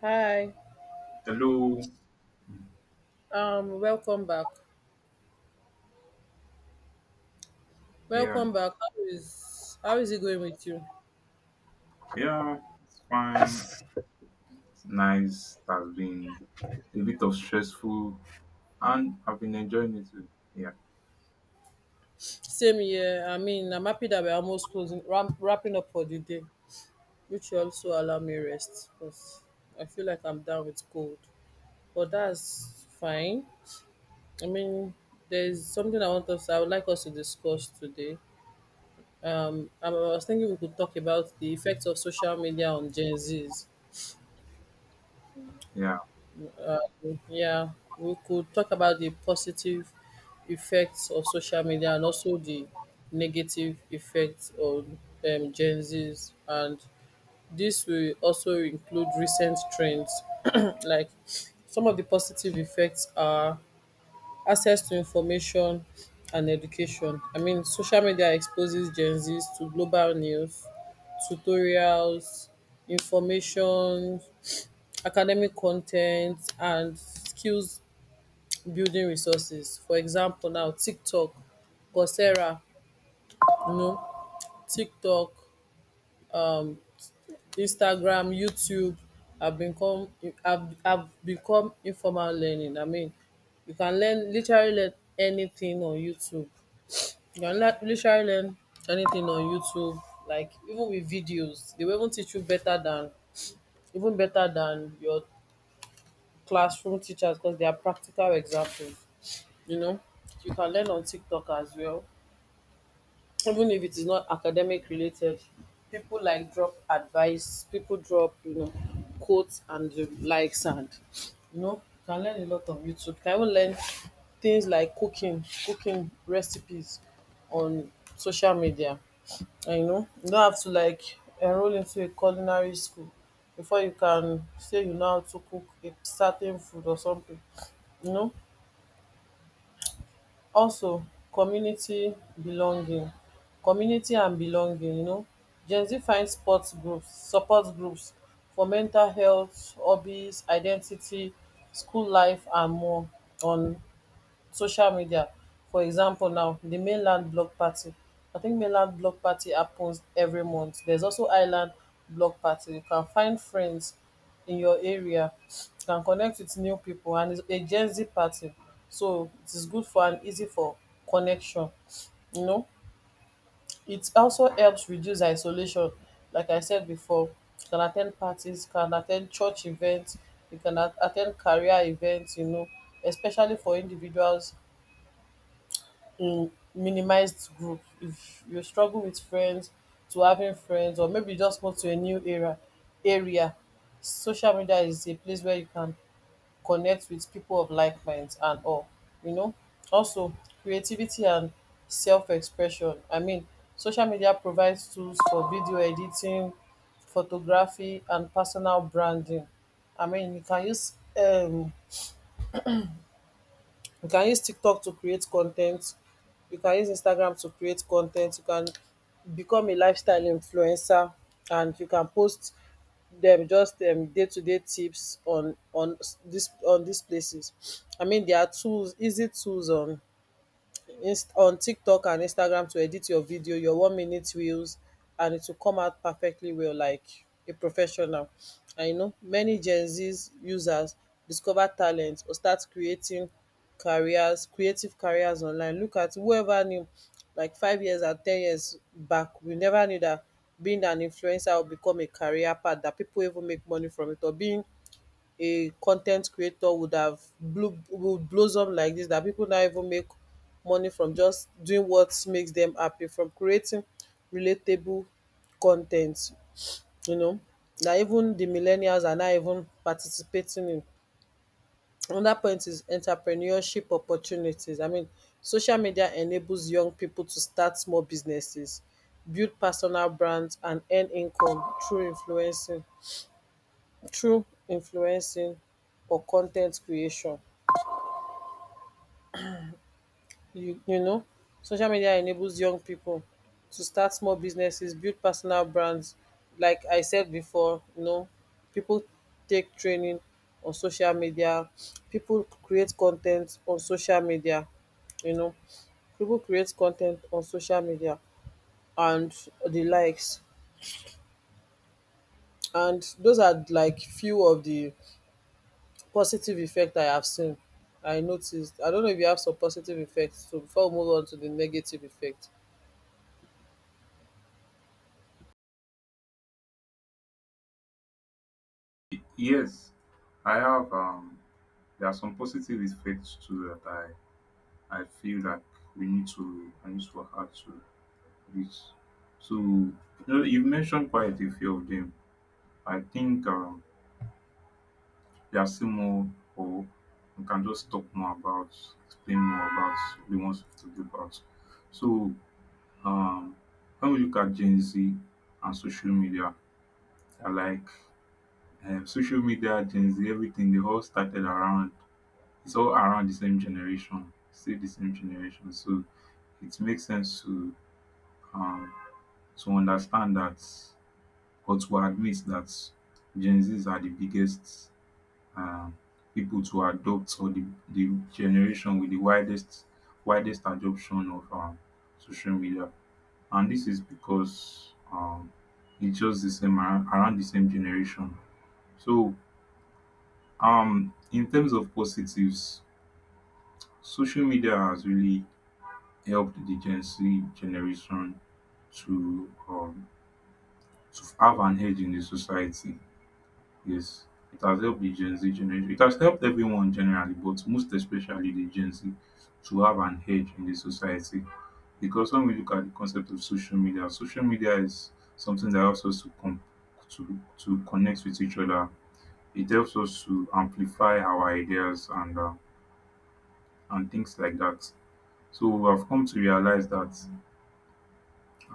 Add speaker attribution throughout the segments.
Speaker 1: Hi.
Speaker 2: Hello.
Speaker 1: Welcome back.
Speaker 2: Yeah.
Speaker 1: Welcome back. How is it going with you?
Speaker 2: Yeah. It's fine. It's nice. It has been a bit of stressful, and I've been enjoying it too. Yeah.
Speaker 1: Same here. I mean, I'm happy that we're almost wrapping up for the day, which will also allow me rest because I feel like I'm down with cold. But that's fine. I mean, there's something I would like us to discuss today. I was thinking we could talk about the effects of social media on Gen Zs.
Speaker 2: Yeah.
Speaker 1: Yeah, we could talk about the positive effects of social media and also the negative effects on Gen Zs. And this will also include recent trends. Like some of the positive effects are access to information and education. I mean, social media exposes Gen Zs to global news, tutorials, information, academic content, and skills building resources, for example now TikTok, Coursera, you know, TikTok, Instagram, YouTube have become have become informal learning. I mean, you can learn literally learn anything on YouTube. You can literally learn anything on YouTube. Like even with videos, they will even teach you better than your classroom teachers, because they are practical examples, you know. You can learn on TikTok as well, even if it is not academic related. People like drop advice, people drop, you know, quotes and the likes. And you know, you can learn a lot on YouTube. You can even learn things like cooking recipes on social media. And you know, you don't have to like enroll into a culinary school before you can say you know how to cook a certain food or something, you know. Also community belonging, community and belonging, you know, Gen Z find sports groups support groups for mental health, hobbies, identity, school life, and more on social media. For example, now the Mainland Block Party, I think Mainland Block Party happens every month. There's also Island Block Party. You can find friends in your area, you can connect with new people, and it's a Gen Z party. So it is good for and easy for connection, you know. It also helps reduce isolation. Like I said before, you can attend parties, you can attend church events, you can at career events, you know, especially for individuals in minimized group. If you struggle with friends to having friends, or maybe you just move to a new area, social media is a place where you can connect with people of like minds and all, you know. Also creativity and self-expression. I mean, social media provides tools for video editing, photography, and personal branding. I mean, um you can use TikTok to create content. You can use Instagram to create content. You can become a lifestyle influencer, and you can post them just day-to-day tips on this on these places. I mean, there are tools, easy tools on inst on TikTok and Instagram to edit your video, your 1 minute reels, and it will come out perfectly well, like a professional. And you know, many Gen Z's users discover talent or start creating careers, creative careers online. Look at, whoever knew, like 5 years and 10 years back, we never knew that being an influencer would become a career path that people even make money from it, or being a content creator would have blew would blossom like this, that people now even make money from just doing what makes them happy, from creating relatable content, you know. Na even the millennials are now even participating in. Another point is entrepreneurship opportunities. I mean, social media enables young people to start small businesses, build personal brands, and earn income through influencing or content creation, you know. Social media enables young people to start small businesses, build personal brands, like I said before, you know. People take training on social media, people create on social media you know content on social media and the likes. And those are like few of the positive effect I have seen I noticed I don't know if you have some positive effects, so before we move on to the negative effect.
Speaker 2: Yes. I have there are some positive effects too that I feel like we need to I need to work hard to reach. So you know, you've mentioned quite a few of them. I think there are still more, or we can just talk more about, explain more about the ones we have to do about. So, Um, when we look at Gen Z and social media, they're like, social media, Gen Z, everything, they all started around, it's all around the same generation, still the same generation. So it makes sense to, um, to understand that, or to admit that Gen Zs are the biggest, um, people to adopt, or the generation with the widest, widest adoption of social media. And this is because, it's just the same around the same generation. So, in terms of positives, social media has really helped the Gen Z generation to, to have an edge in the society. Yes, it has helped the Gen Z generation. It has helped everyone generally, but most especially the Gen Z, to have an edge in the society. Because when we look at the concept of social media is something that helps us to to connect with each other. It helps us to amplify our ideas and things like that. So we have come to realize that,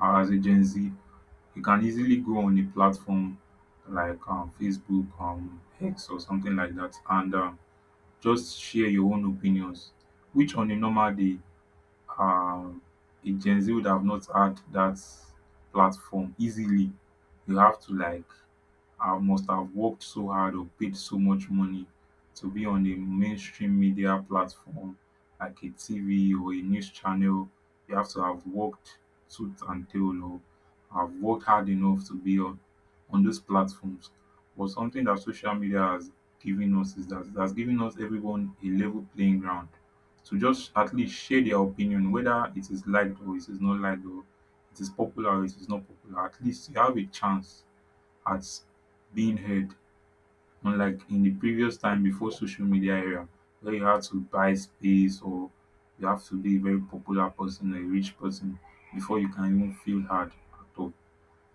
Speaker 2: as a Gen Z, you can easily go on a platform like, Facebook, X, or something like that, and just share your own opinions, which on a normal day, um a Gen Z would have not had that platform easily. You have to like, I must have worked so hard or paid so much money to be on a mainstream media platform like a TV or a news channel. You have to have worked tooth and tail, or have worked hard enough to be on those platforms. But something that social media has given us is that, that's given us everyone a level playing ground to just at least share their opinion, whether it is liked or it is not liked, or it is popular or it is not popular. At least you have a chance at being heard, unlike in the previous time before social media era, where you had to buy space, or you have to be a very popular person or a rich person before you can even feel heard at all.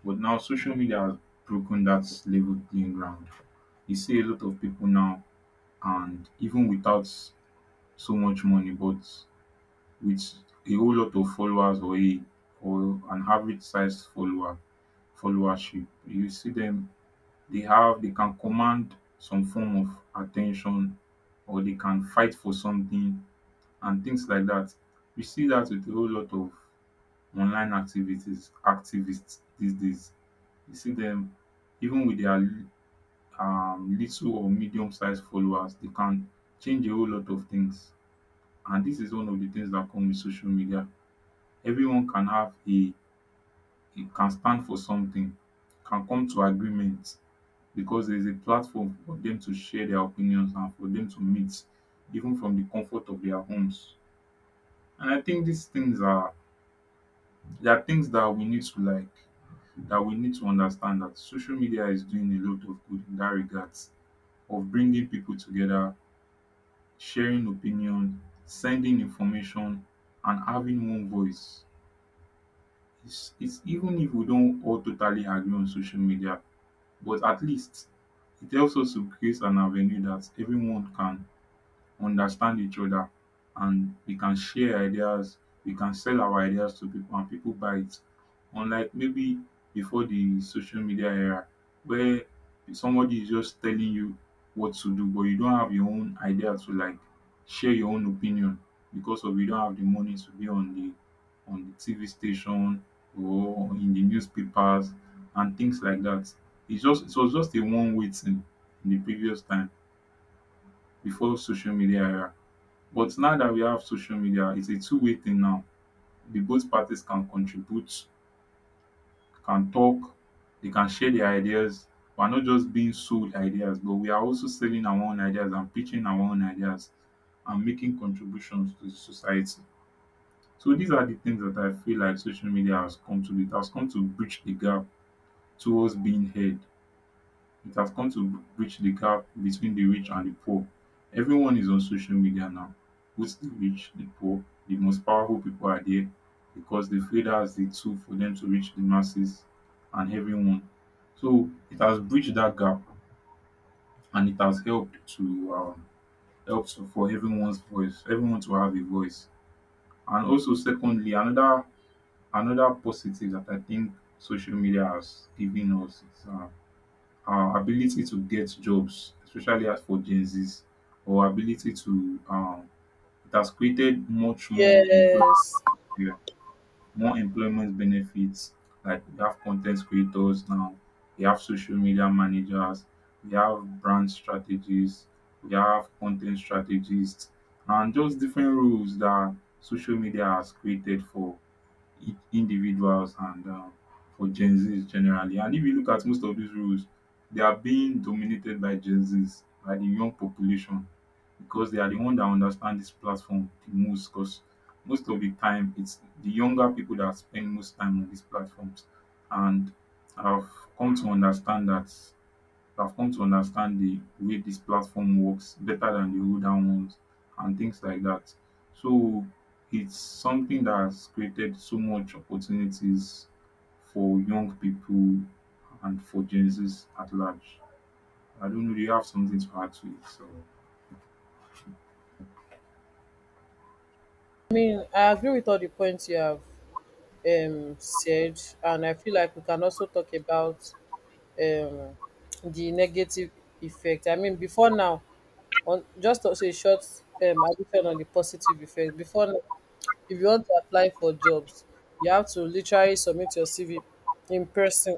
Speaker 2: But now social media has broken that level playing ground. You see a lot of people now, and even without so much money, but with a whole lot of followers, or a, or an average sized follower, followership, you see them, they have, they can command some form of attention, or they can fight for something and things like that. We see that with a whole lot of online activities, activists these days. You see them even with their, little or medium sized followers, they can change a whole lot of things. And this is one of the things that come with social media. Everyone can have a can stand for something, can come to agreement. Because there is a platform for them to share their opinions and for them to meet even from the comfort of their homes. And I think these things are, there are things that we need to like, that we need to understand that social media is doing a lot of good in dat regards of bringing people together, sharing opinion, sending information, and having one voice. It's even if we don't all totally agree on social media, but at least it helps us to create an avenue that everyone can understand each other, and we can share ideas, we can sell our ideas to people and people buy it, unlike maybe before the social media era, where somebody is just telling you what to do but you don't have your own idea to like share your own opinion, because of you don't have the money to be on the, on the TV station or in the newspapers and things like that. It was just a one way thing in the previous time before social media era. But now that we have social media, its a two-way thing now. The both parties can contribute, can talk, they can share their ideas. We're not just being sold ideas but we are also selling our own ideas and pitching our own ideas and making contributions to the society. So these are the things that I feel like social media has come to, it has come to bridge the gap towards being heard. It has come to bridge the gap between the rich and the poor. Everyone is on social media now, both the rich, the poor, the most powerful people are there because they feel that's the tool for them to reach the masses and everyone. So it has bridged that gap, and it has helped to, help to- for everyone's voice, everyone to have a voice. And also, secondly, another, another positive that I think social media has given us is, ability to get jobs, especially as for Gen Zs, or ability to, it has created much more employment,
Speaker 1: Yes.
Speaker 2: more employment benefits. Like we have content creators now, we have social media managers, we have brand strategists, we have content strategists, and just different roles that social media has created for individuals and, for Gen Zs generally. And if you look at most of these roles, they are being dominated by Gen Zs, by the young population, because they are the one that understand this platform the most. Because most of the time, it's the younger people that spend most time on these platforms, and I've come to understand that, I've come to understand the way this platform works better than the older ones and things like that. So it's something that has created so much opportunities for young people and for Gen Zs at large. I don't know, do you have something to add to it? So,
Speaker 1: I mean, I agree with all the points you have said, and I feel like we can also talk about um, the negative effect. I mean, before now, on just also a short addition on the positive effect. Before now, if you want to apply for jobs, you have to literally submit your CV in person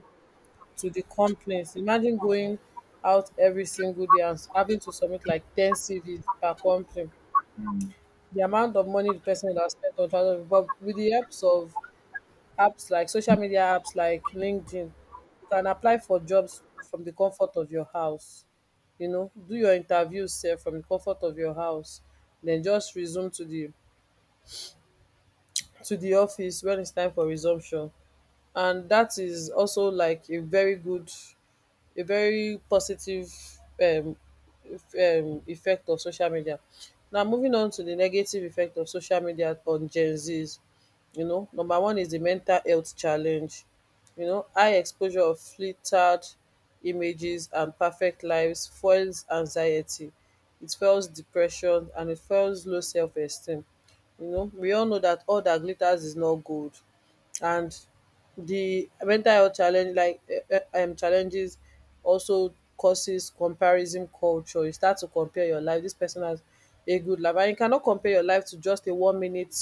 Speaker 1: to the companies. Imagine going out every single day and having to submit like 10 CVs per company,
Speaker 2: mm.
Speaker 1: the amount of money the person would have spent on travel. But with the helps of apps like social media apps like LinkedIn, you can apply for jobs from the comfort of your house. You know, do your interviews self from the comfort of your house, then just resume to the office when it's time for resumption. And that is also like a very good, a very positive um eff- effect of social media. Now, moving on to the negative effect of social media on Gen Zs, you know, number one is the mental health challenge. You know, high exposure of flittered images and perfect lives fuels anxiety, it fuels depression, and it fuels low self esteem. You know, we all know that all that glitters is not gold. And the mental health challenges also causes comparison culture. You start to compare your life. This person has a good life, and you cannot compare your life to just a 1 minute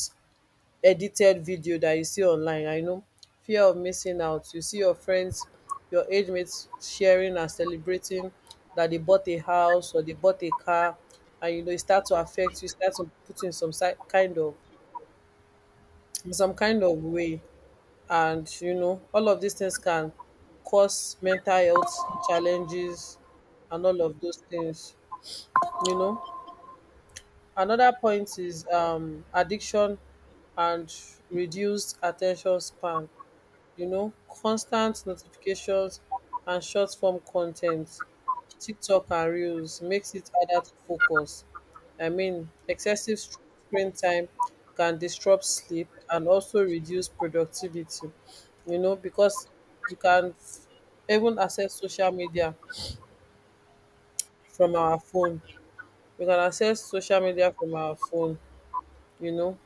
Speaker 1: edited video that you see online, I know. Fear of missing out, you see your friends, your age mates, sharing and celebrating that they bought a house or they bought a car. And you know, it start to affect, you start to put in some kind of, in some kind of way. And you know, all of these things can cause mental health challenges and all of those things, you know. Another point is addiction and reduced attention span. You know, constant notifications and short-form content, TikTok and reels, makes it harder to focus. I mean, excessive screen time can disrupt sleep and also reduce productivity, you know, because you even access social media from our phone. We can access social media from our phone, you know.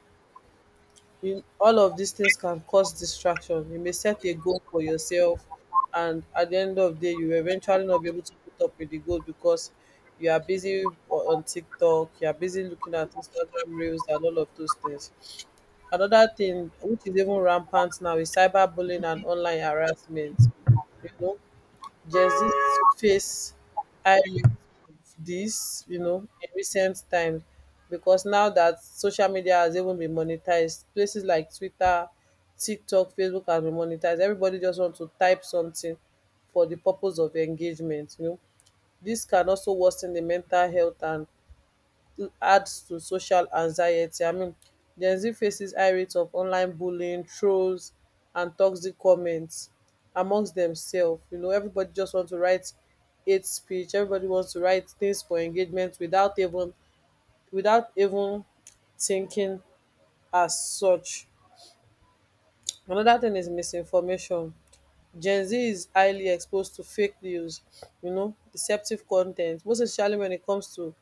Speaker 1: In all of these things can cause distraction. You may set a goal for yourself, and at the end of the day you will eventually not be able to meet up with the goal because you are busy on TikTok, you are busy looking at Instagram reels and all of those things. Another thing which is even rampant now is cyberbullying and online harassment. You know, there's this face I rate of this, you know, in recent time, because now that social media has even been monetized, places like Twitter, TikTok, Facebook has been monetized. Everybody just wants to type something for the purpose of engagement, you know. This can also worsen the mental health and adds to social anxiety. I mean, Gen Z faces high rates of online bullying, trolls, and toxic comments amongst themselves. You know, everybody just wants to write hate speech. Everybody wants to write things for engagement without even without even thinking as such. Another thing is misinformation. Gen Z is highly exposed to fake news, you know, deceptive content, most especially when it comes to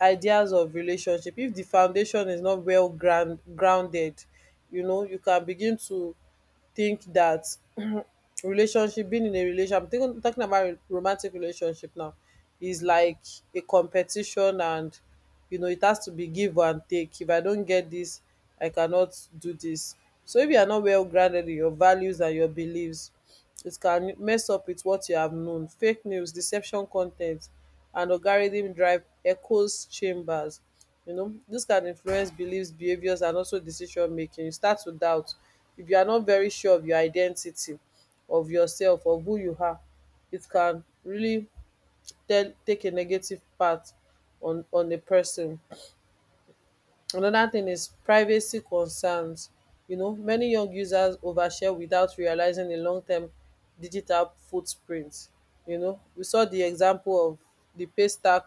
Speaker 1: ideas of relationship. If the foundation is not well grounded, you know, you can begin to think that relationship being in a relationship, I'm talking about romantic relationship now, is like a competition. And you know, it has to be give and take. If I don't get this, I cannot do this. So if you are not well grounded in your values and your beliefs, it can mess up with what you have known. Fake news, deception content, and algorithm drive echoes chambers, you know, this can influence beliefs, behaviors, and also decision making. You start to doubt, if you are not very sure of your identity, of yourself, of who you are, it can really tell take a negative part on a person. Another thing is privacy concerns. You know, many young users overshare without realizing the long term digital footprint. You know, we saw the example of the paystack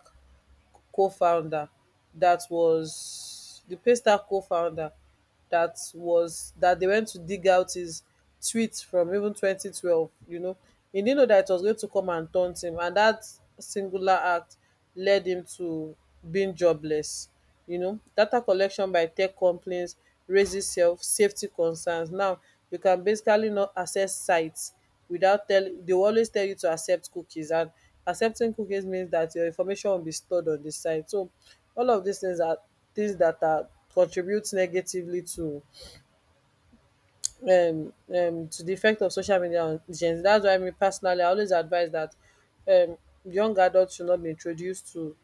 Speaker 1: co-founder the Paystar co-founder that was, that they went to dig out his tweets from even 2012. You know, he didn't know that it was going to come and taunt him, and that singular act led him to being jobless. You know, data collection by tech companies raises self safety concerns. Now you can basically not access sites without telling, they will always tell you to accept cookies, and accepting cookies means that your information will be stored on the site. So all of these things are things that are contributes negatively to the effect of social media on Gen Z. That's why, me personally, I always advise that um young adults should not be introduced to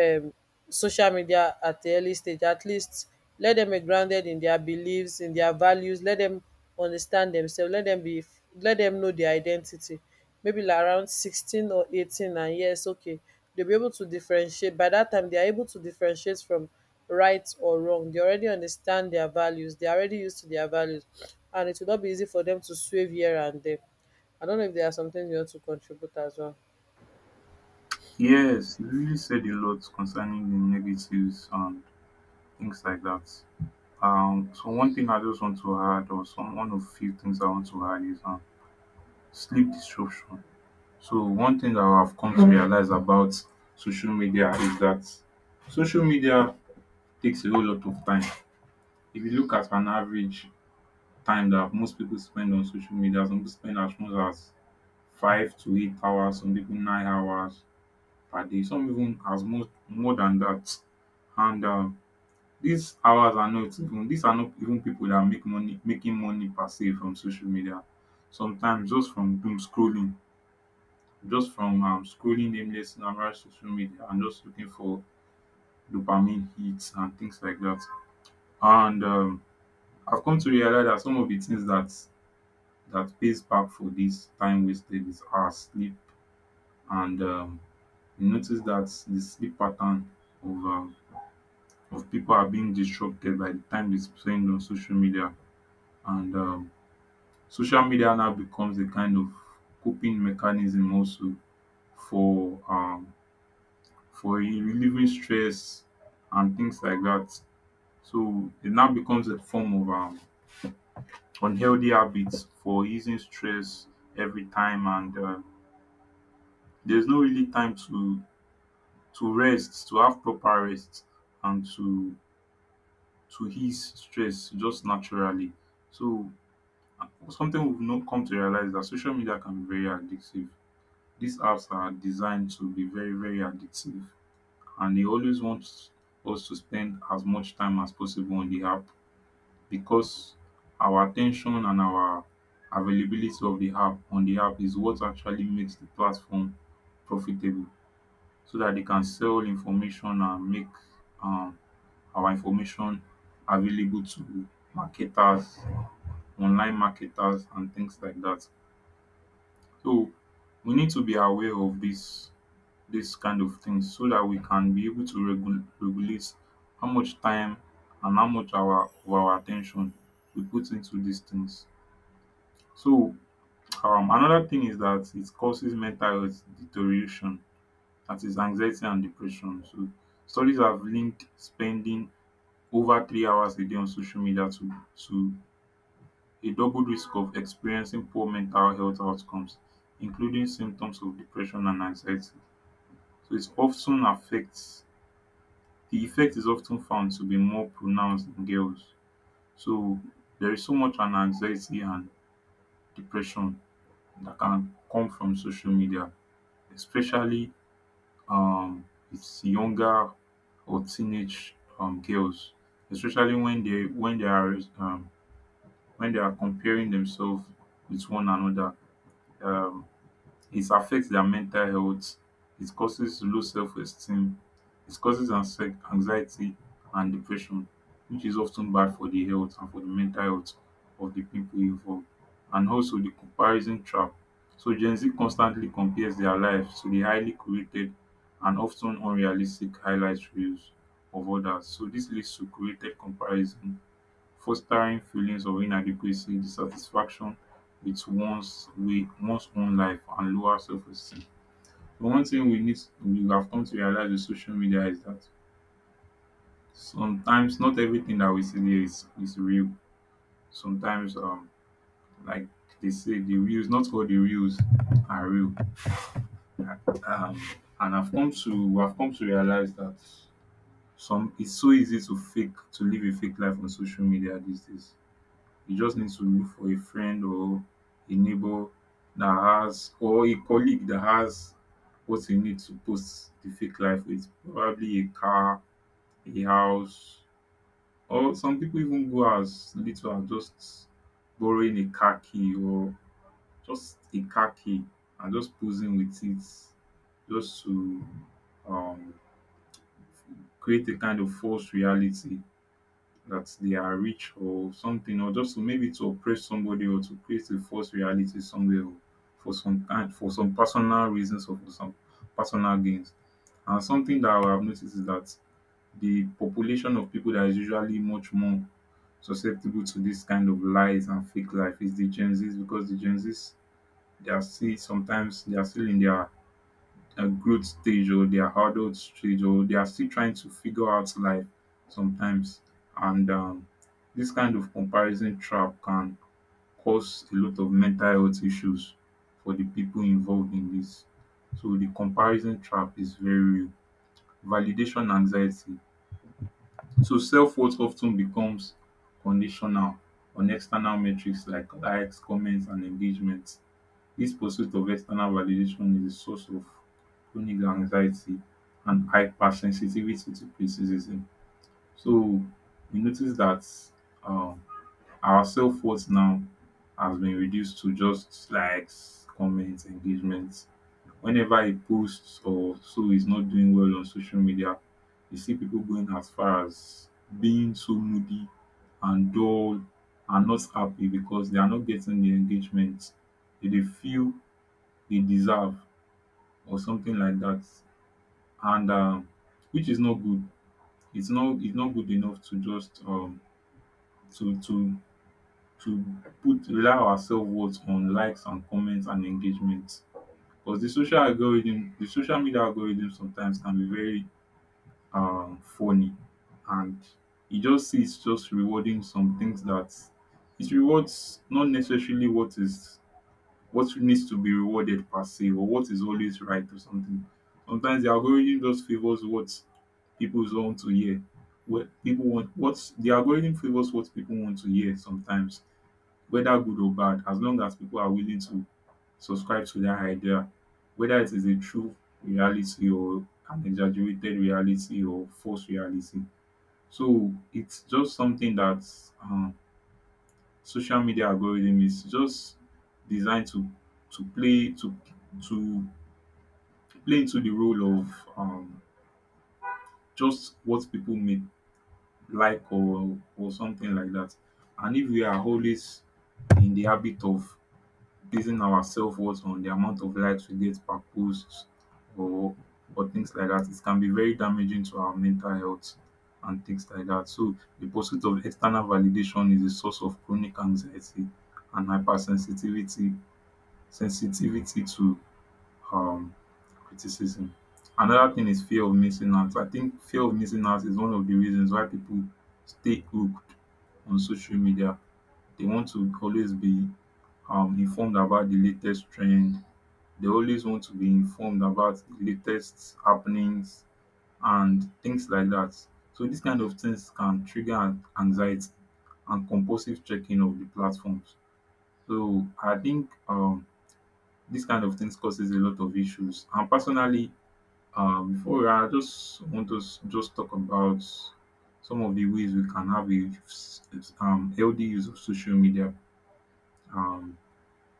Speaker 1: um social media at the early stage. At least let them be grounded in their beliefs, in their values, let them understand themselves, let them be, let them know their identity, maybe like around 16 or 18. And yes, okay, they'll be able to differentiate. By that time they are able to differentiate from right or wrong, they already understand their values, they are already used to their values, and it will not be easy for them to swerve here and there. I don't know if there are some things you want to contribute as well.
Speaker 2: Yes, you really said a lot concerning the negatives and things like that. So one thing I just want to add, or some one of few things I want to add is, sleep disruption. So one thing that I have come to realize about social media is that social media takes a whole lot of time. If you look at an average time that most people spend on social media, some people spend as much as 5 to 8 hours, some people 9 hours per day, some even as much more than that. And these hours are not even, these are not even people that make money, making money per se from social media. Sometimes just from doom scrolling, just from scrolling nameless, numerous social media and just looking for dopamine hits and things like that. And I've come to realize that some of the things that, that pays back for this time wasted is our sleep. And you notice that the sleep pattern of, of people are being disrupted by the time they spend on social media, and social media now becomes a kind of coping mechanism also for, for e relieving stress and things like that. So it now becomes a form of, unhealthy habits for easing stress every time, and there's no really time to rest, to have proper rest, and to ease stress just naturally. So, something we've not come to realize that social media can be very addictive. These apps are designed to be very very addictive, and they always want us to spend as much time as possible on the app. Because our attention and our availability of the app, on the app, is what actually makes the platform profitable, so that they can sell information and make, um our information available to marketers, online marketers and things like that. So we need to be aware of this, this kind of tins, so that we can be able to regulate how much time and how much our of our attention we put into these things. So, another thing is that it causes mental health deterioration, that is anxiety and depression. So, studies have linked spending over 3 hours a day on social media to a double risk of experiencing poor mental health outcomes, including symptoms of depression and anxiety. So, it often affects, the effect is often found to be more pronounced in girls. So, there is so much an anxiety and depression that can come from social media, especially um with younger or teenage girls, especially when they are comparing themselves with one another. um it affects their mental health. It causes low self-esteem. It causes anxiety and depression, which is often bad for the health and for the mental health of the people involved. And also, the comparison trap. So Gen Z constantly compares their lives to the highly curated and often unrealistic highlight reels of others, so this leads to curated comparison, fostering feelings of inadequacy, dissatisfaction with one's way one's own life, and lower self-esteem. But one thing we have come to realize with social media is that sometimes not everything that we see there is real. Sometimes like they say, the reels, not all the reels are real. Um and I've come to we have come to realize that some it's so easy to live a fake life on social media these days. You just need to look for a friend or a neighbor that has, or a colleague that has what you need to post the fake life with. Probably a car, a house, or some people even go as little as just borrowing a car key, or just a car key, and just posing with it, just to um, create a kind of false reality that they are rich or something, or just to maybe to oppress somebody, or to create a false reality somewhere, or for some personal reasons, or for some personal gains. And something that I have noticed is that the population of people that is usually much more susceptible to this kind of lies and fake life is the Gen Zs, because the Gen Zs, they are still, sometimes they are still in their a growth stage or their adult stage, or they are still trying to figure out life sometimes. And this kind of comparison trap can cause a lot of mental health issues for the people involved in this. So the comparison trap is very real. Validation anxiety. So self worth often becomes conditional on external metrics like likes, comments, and engagement. This pursuit of external validation is a source of chronic anxiety and hypersensitivity to criticism. So we notice that um our self-worth now has been reduced to just likes, comments, engagements. Whenever a post or so is not doing well on social media, you see people going as far as being so moody and dull and not happy because they are not getting the engagement they dey feel they deserve, or something like that. And which is not good. It's not good enough to just to to to put, rely our self worth on likes and comments and engagement, because the social media algorithm sometimes can be very funny, and it just see just rewarding some things that it rewards, not necessarily what is, what needs to be rewarded per se, or what is always right or something. Sometimes the algorithm just favors what people want to hear. What people want What the algorithm favors what people want to hear sometimes, whether good or bad, as long as people are willing to subscribe to that idea, whether it is a true reality or an exaggerated reality or false reality. So it's just something that um social media algorithm is just designed to to play to to play into the role of just what people may like, or something like that. And if we are always in the habit of basing our self worth on the amount of likes we get per post, or or things like that, it can be very damaging to our mental health and things like that. So the pursuit of external validation is a source of chronic anxiety and hypersensitivity sensitivity to um criticism. Another thing is fear of missing out. I think fear of missing out is one of the reasons why people stay hooked on social media. They want to always be informed about the latest trend. They always want to be informed about the latest happenings and things like that. So these kind of things can trigger anxiety and compulsive checking of the platforms. So I think this kind of things causes a lot of issues. And personally, I just want to just talk about some of the ways we can have a healthy use of social media. Um,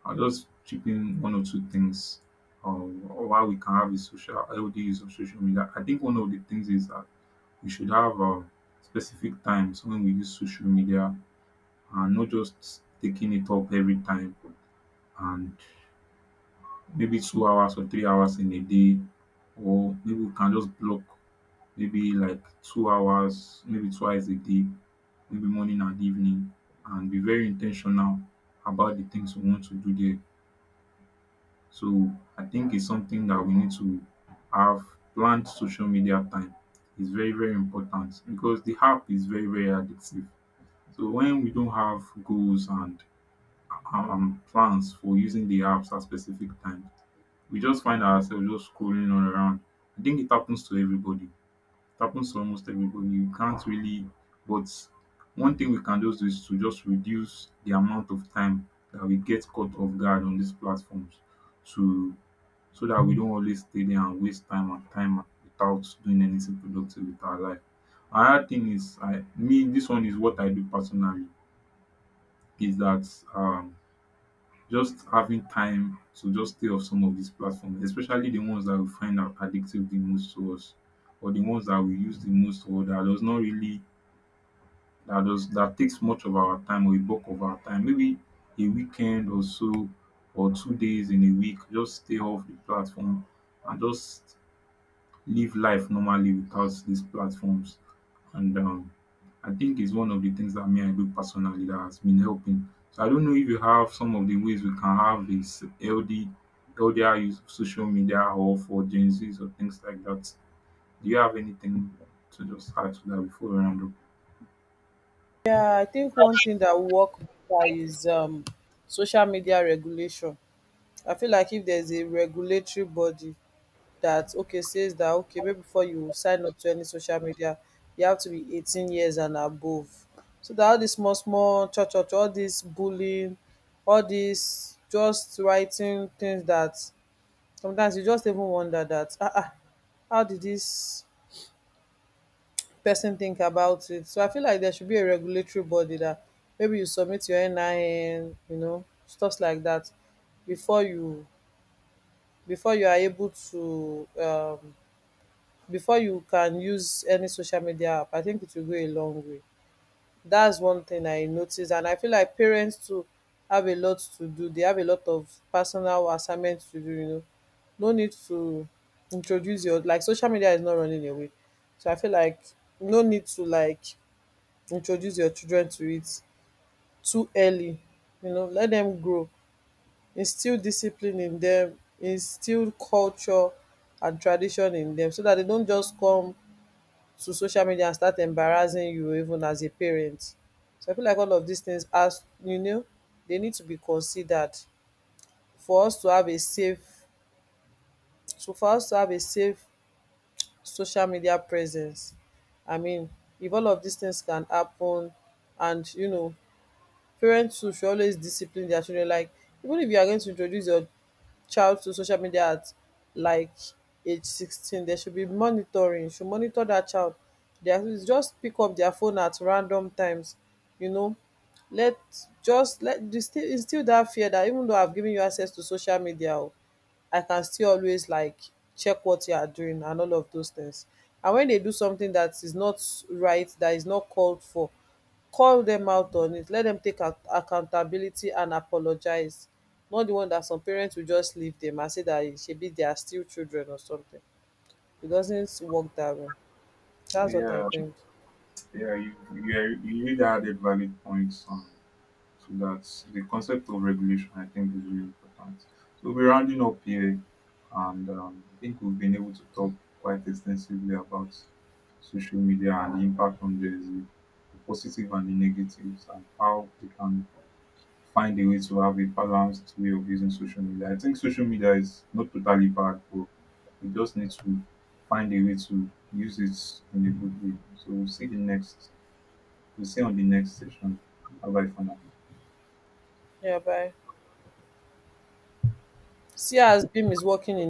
Speaker 2: I'll just chip in one or two things on why we can have a social healthy use of social media. I think one of the things is that we should have specific times when we use social media, and not just taking it up every time, and maybe 2 hours or 3 hours in a day, or maybe we can just block maybe like 2 hours, maybe twice a day, maybe morning and evening, and be very intentional about the things we want to do there. So I think it's something that we need to have planned social media time. It's very very important because the app is very very addictive. So when we don't have goals and plans for using the apps at specific time, we just find ourselves just scrolling all around. I think it happens to everybody. It happens to almost everybody. You can't really, but one thing we can just do is to just reduce the amount of time that we get caught off guard on these platforms, to so that we don't always stay there and waste time and time without doing anything productive with our life. Another thing is I me this one is what I do personally, is that um just having time to just stay off some of these platforms, especially the ones that we find are addictive the most to us, or the ones that we use the most, or that does not really, that takes much of our time or a bulk of our time. Maybe a weekend or so, or 2 days in a week, just stay off the platform and just live life normally without these platforms. And I think it's one of the things that me I do personally that has been helping. So I don't know if you have some of the ways we can have this LDR use of social media, or for Gen Zs or things like that. Do you have anything to just add to that before we round up?
Speaker 1: Yeah, I think one thing that will work better is social media regulation. I feel like if there's a regulatory body that, okay, says that okay, maybe before you sign up to any social media, you have to be 18 years and above. So that all this small small cho cho cho, all this bullying, all this just writing things that sometimes you just even wonder that, ah ah, how did this person think about it. So I feel like there should be a regulatory body that maybe you submit your NIN, you know, stuff like that, before you, before you are able to before you can use any social media app. I think it will go a long way. That's one thing I noticed, and I feel like parents too have a lot to do. They have a lot of personal assignments to do. You know, no need to introduce your, like, social media is not running away. So I feel like no need to, like, introduce your children to it too early. You know, let them grow, instill discipline in them, instill culture and tradition in them, so that they don't just come to social media and start embarrassing you even as a parent. So I feel like all of these things, as you know, they need to be considered for us to have a safe, so for us to have a safe social media presence. I mean, if all of these things can happen, and, you know, parents too should always discipline their children. Like, even if you are going to introduce your child to social media at, like, age 16, there should be monitoring. You should monitor that child. They, their, just pick up their phone at random times. You know, let, just let, instill that fear that, even though I've given you access to social media, oh, I can still always, like, check what you are doing and all of those things. And when they do something that is not right, that is not called for, call them out on it, let them take accountability and apologize. Not the one that some parents will just leave them and say that, eh, shebi they are still children or something. It doesn't work that way. That's what I
Speaker 2: Yeah,
Speaker 1: think.
Speaker 2: yeah, you really added valid points. So that's the concept of regulation, I think, is really important. So we're rounding up here, and I think we've been able to talk quite extensively about social media and the impact on Gen Z, the positive and the negatives, and how we can find a way to have a balanced way of using social media. I think social media is not totally bad, but we just need to find a way to use it in a good way. So we'll see on the next session. Bye bye for now.
Speaker 1: Yeah, bye. See as Beam is working in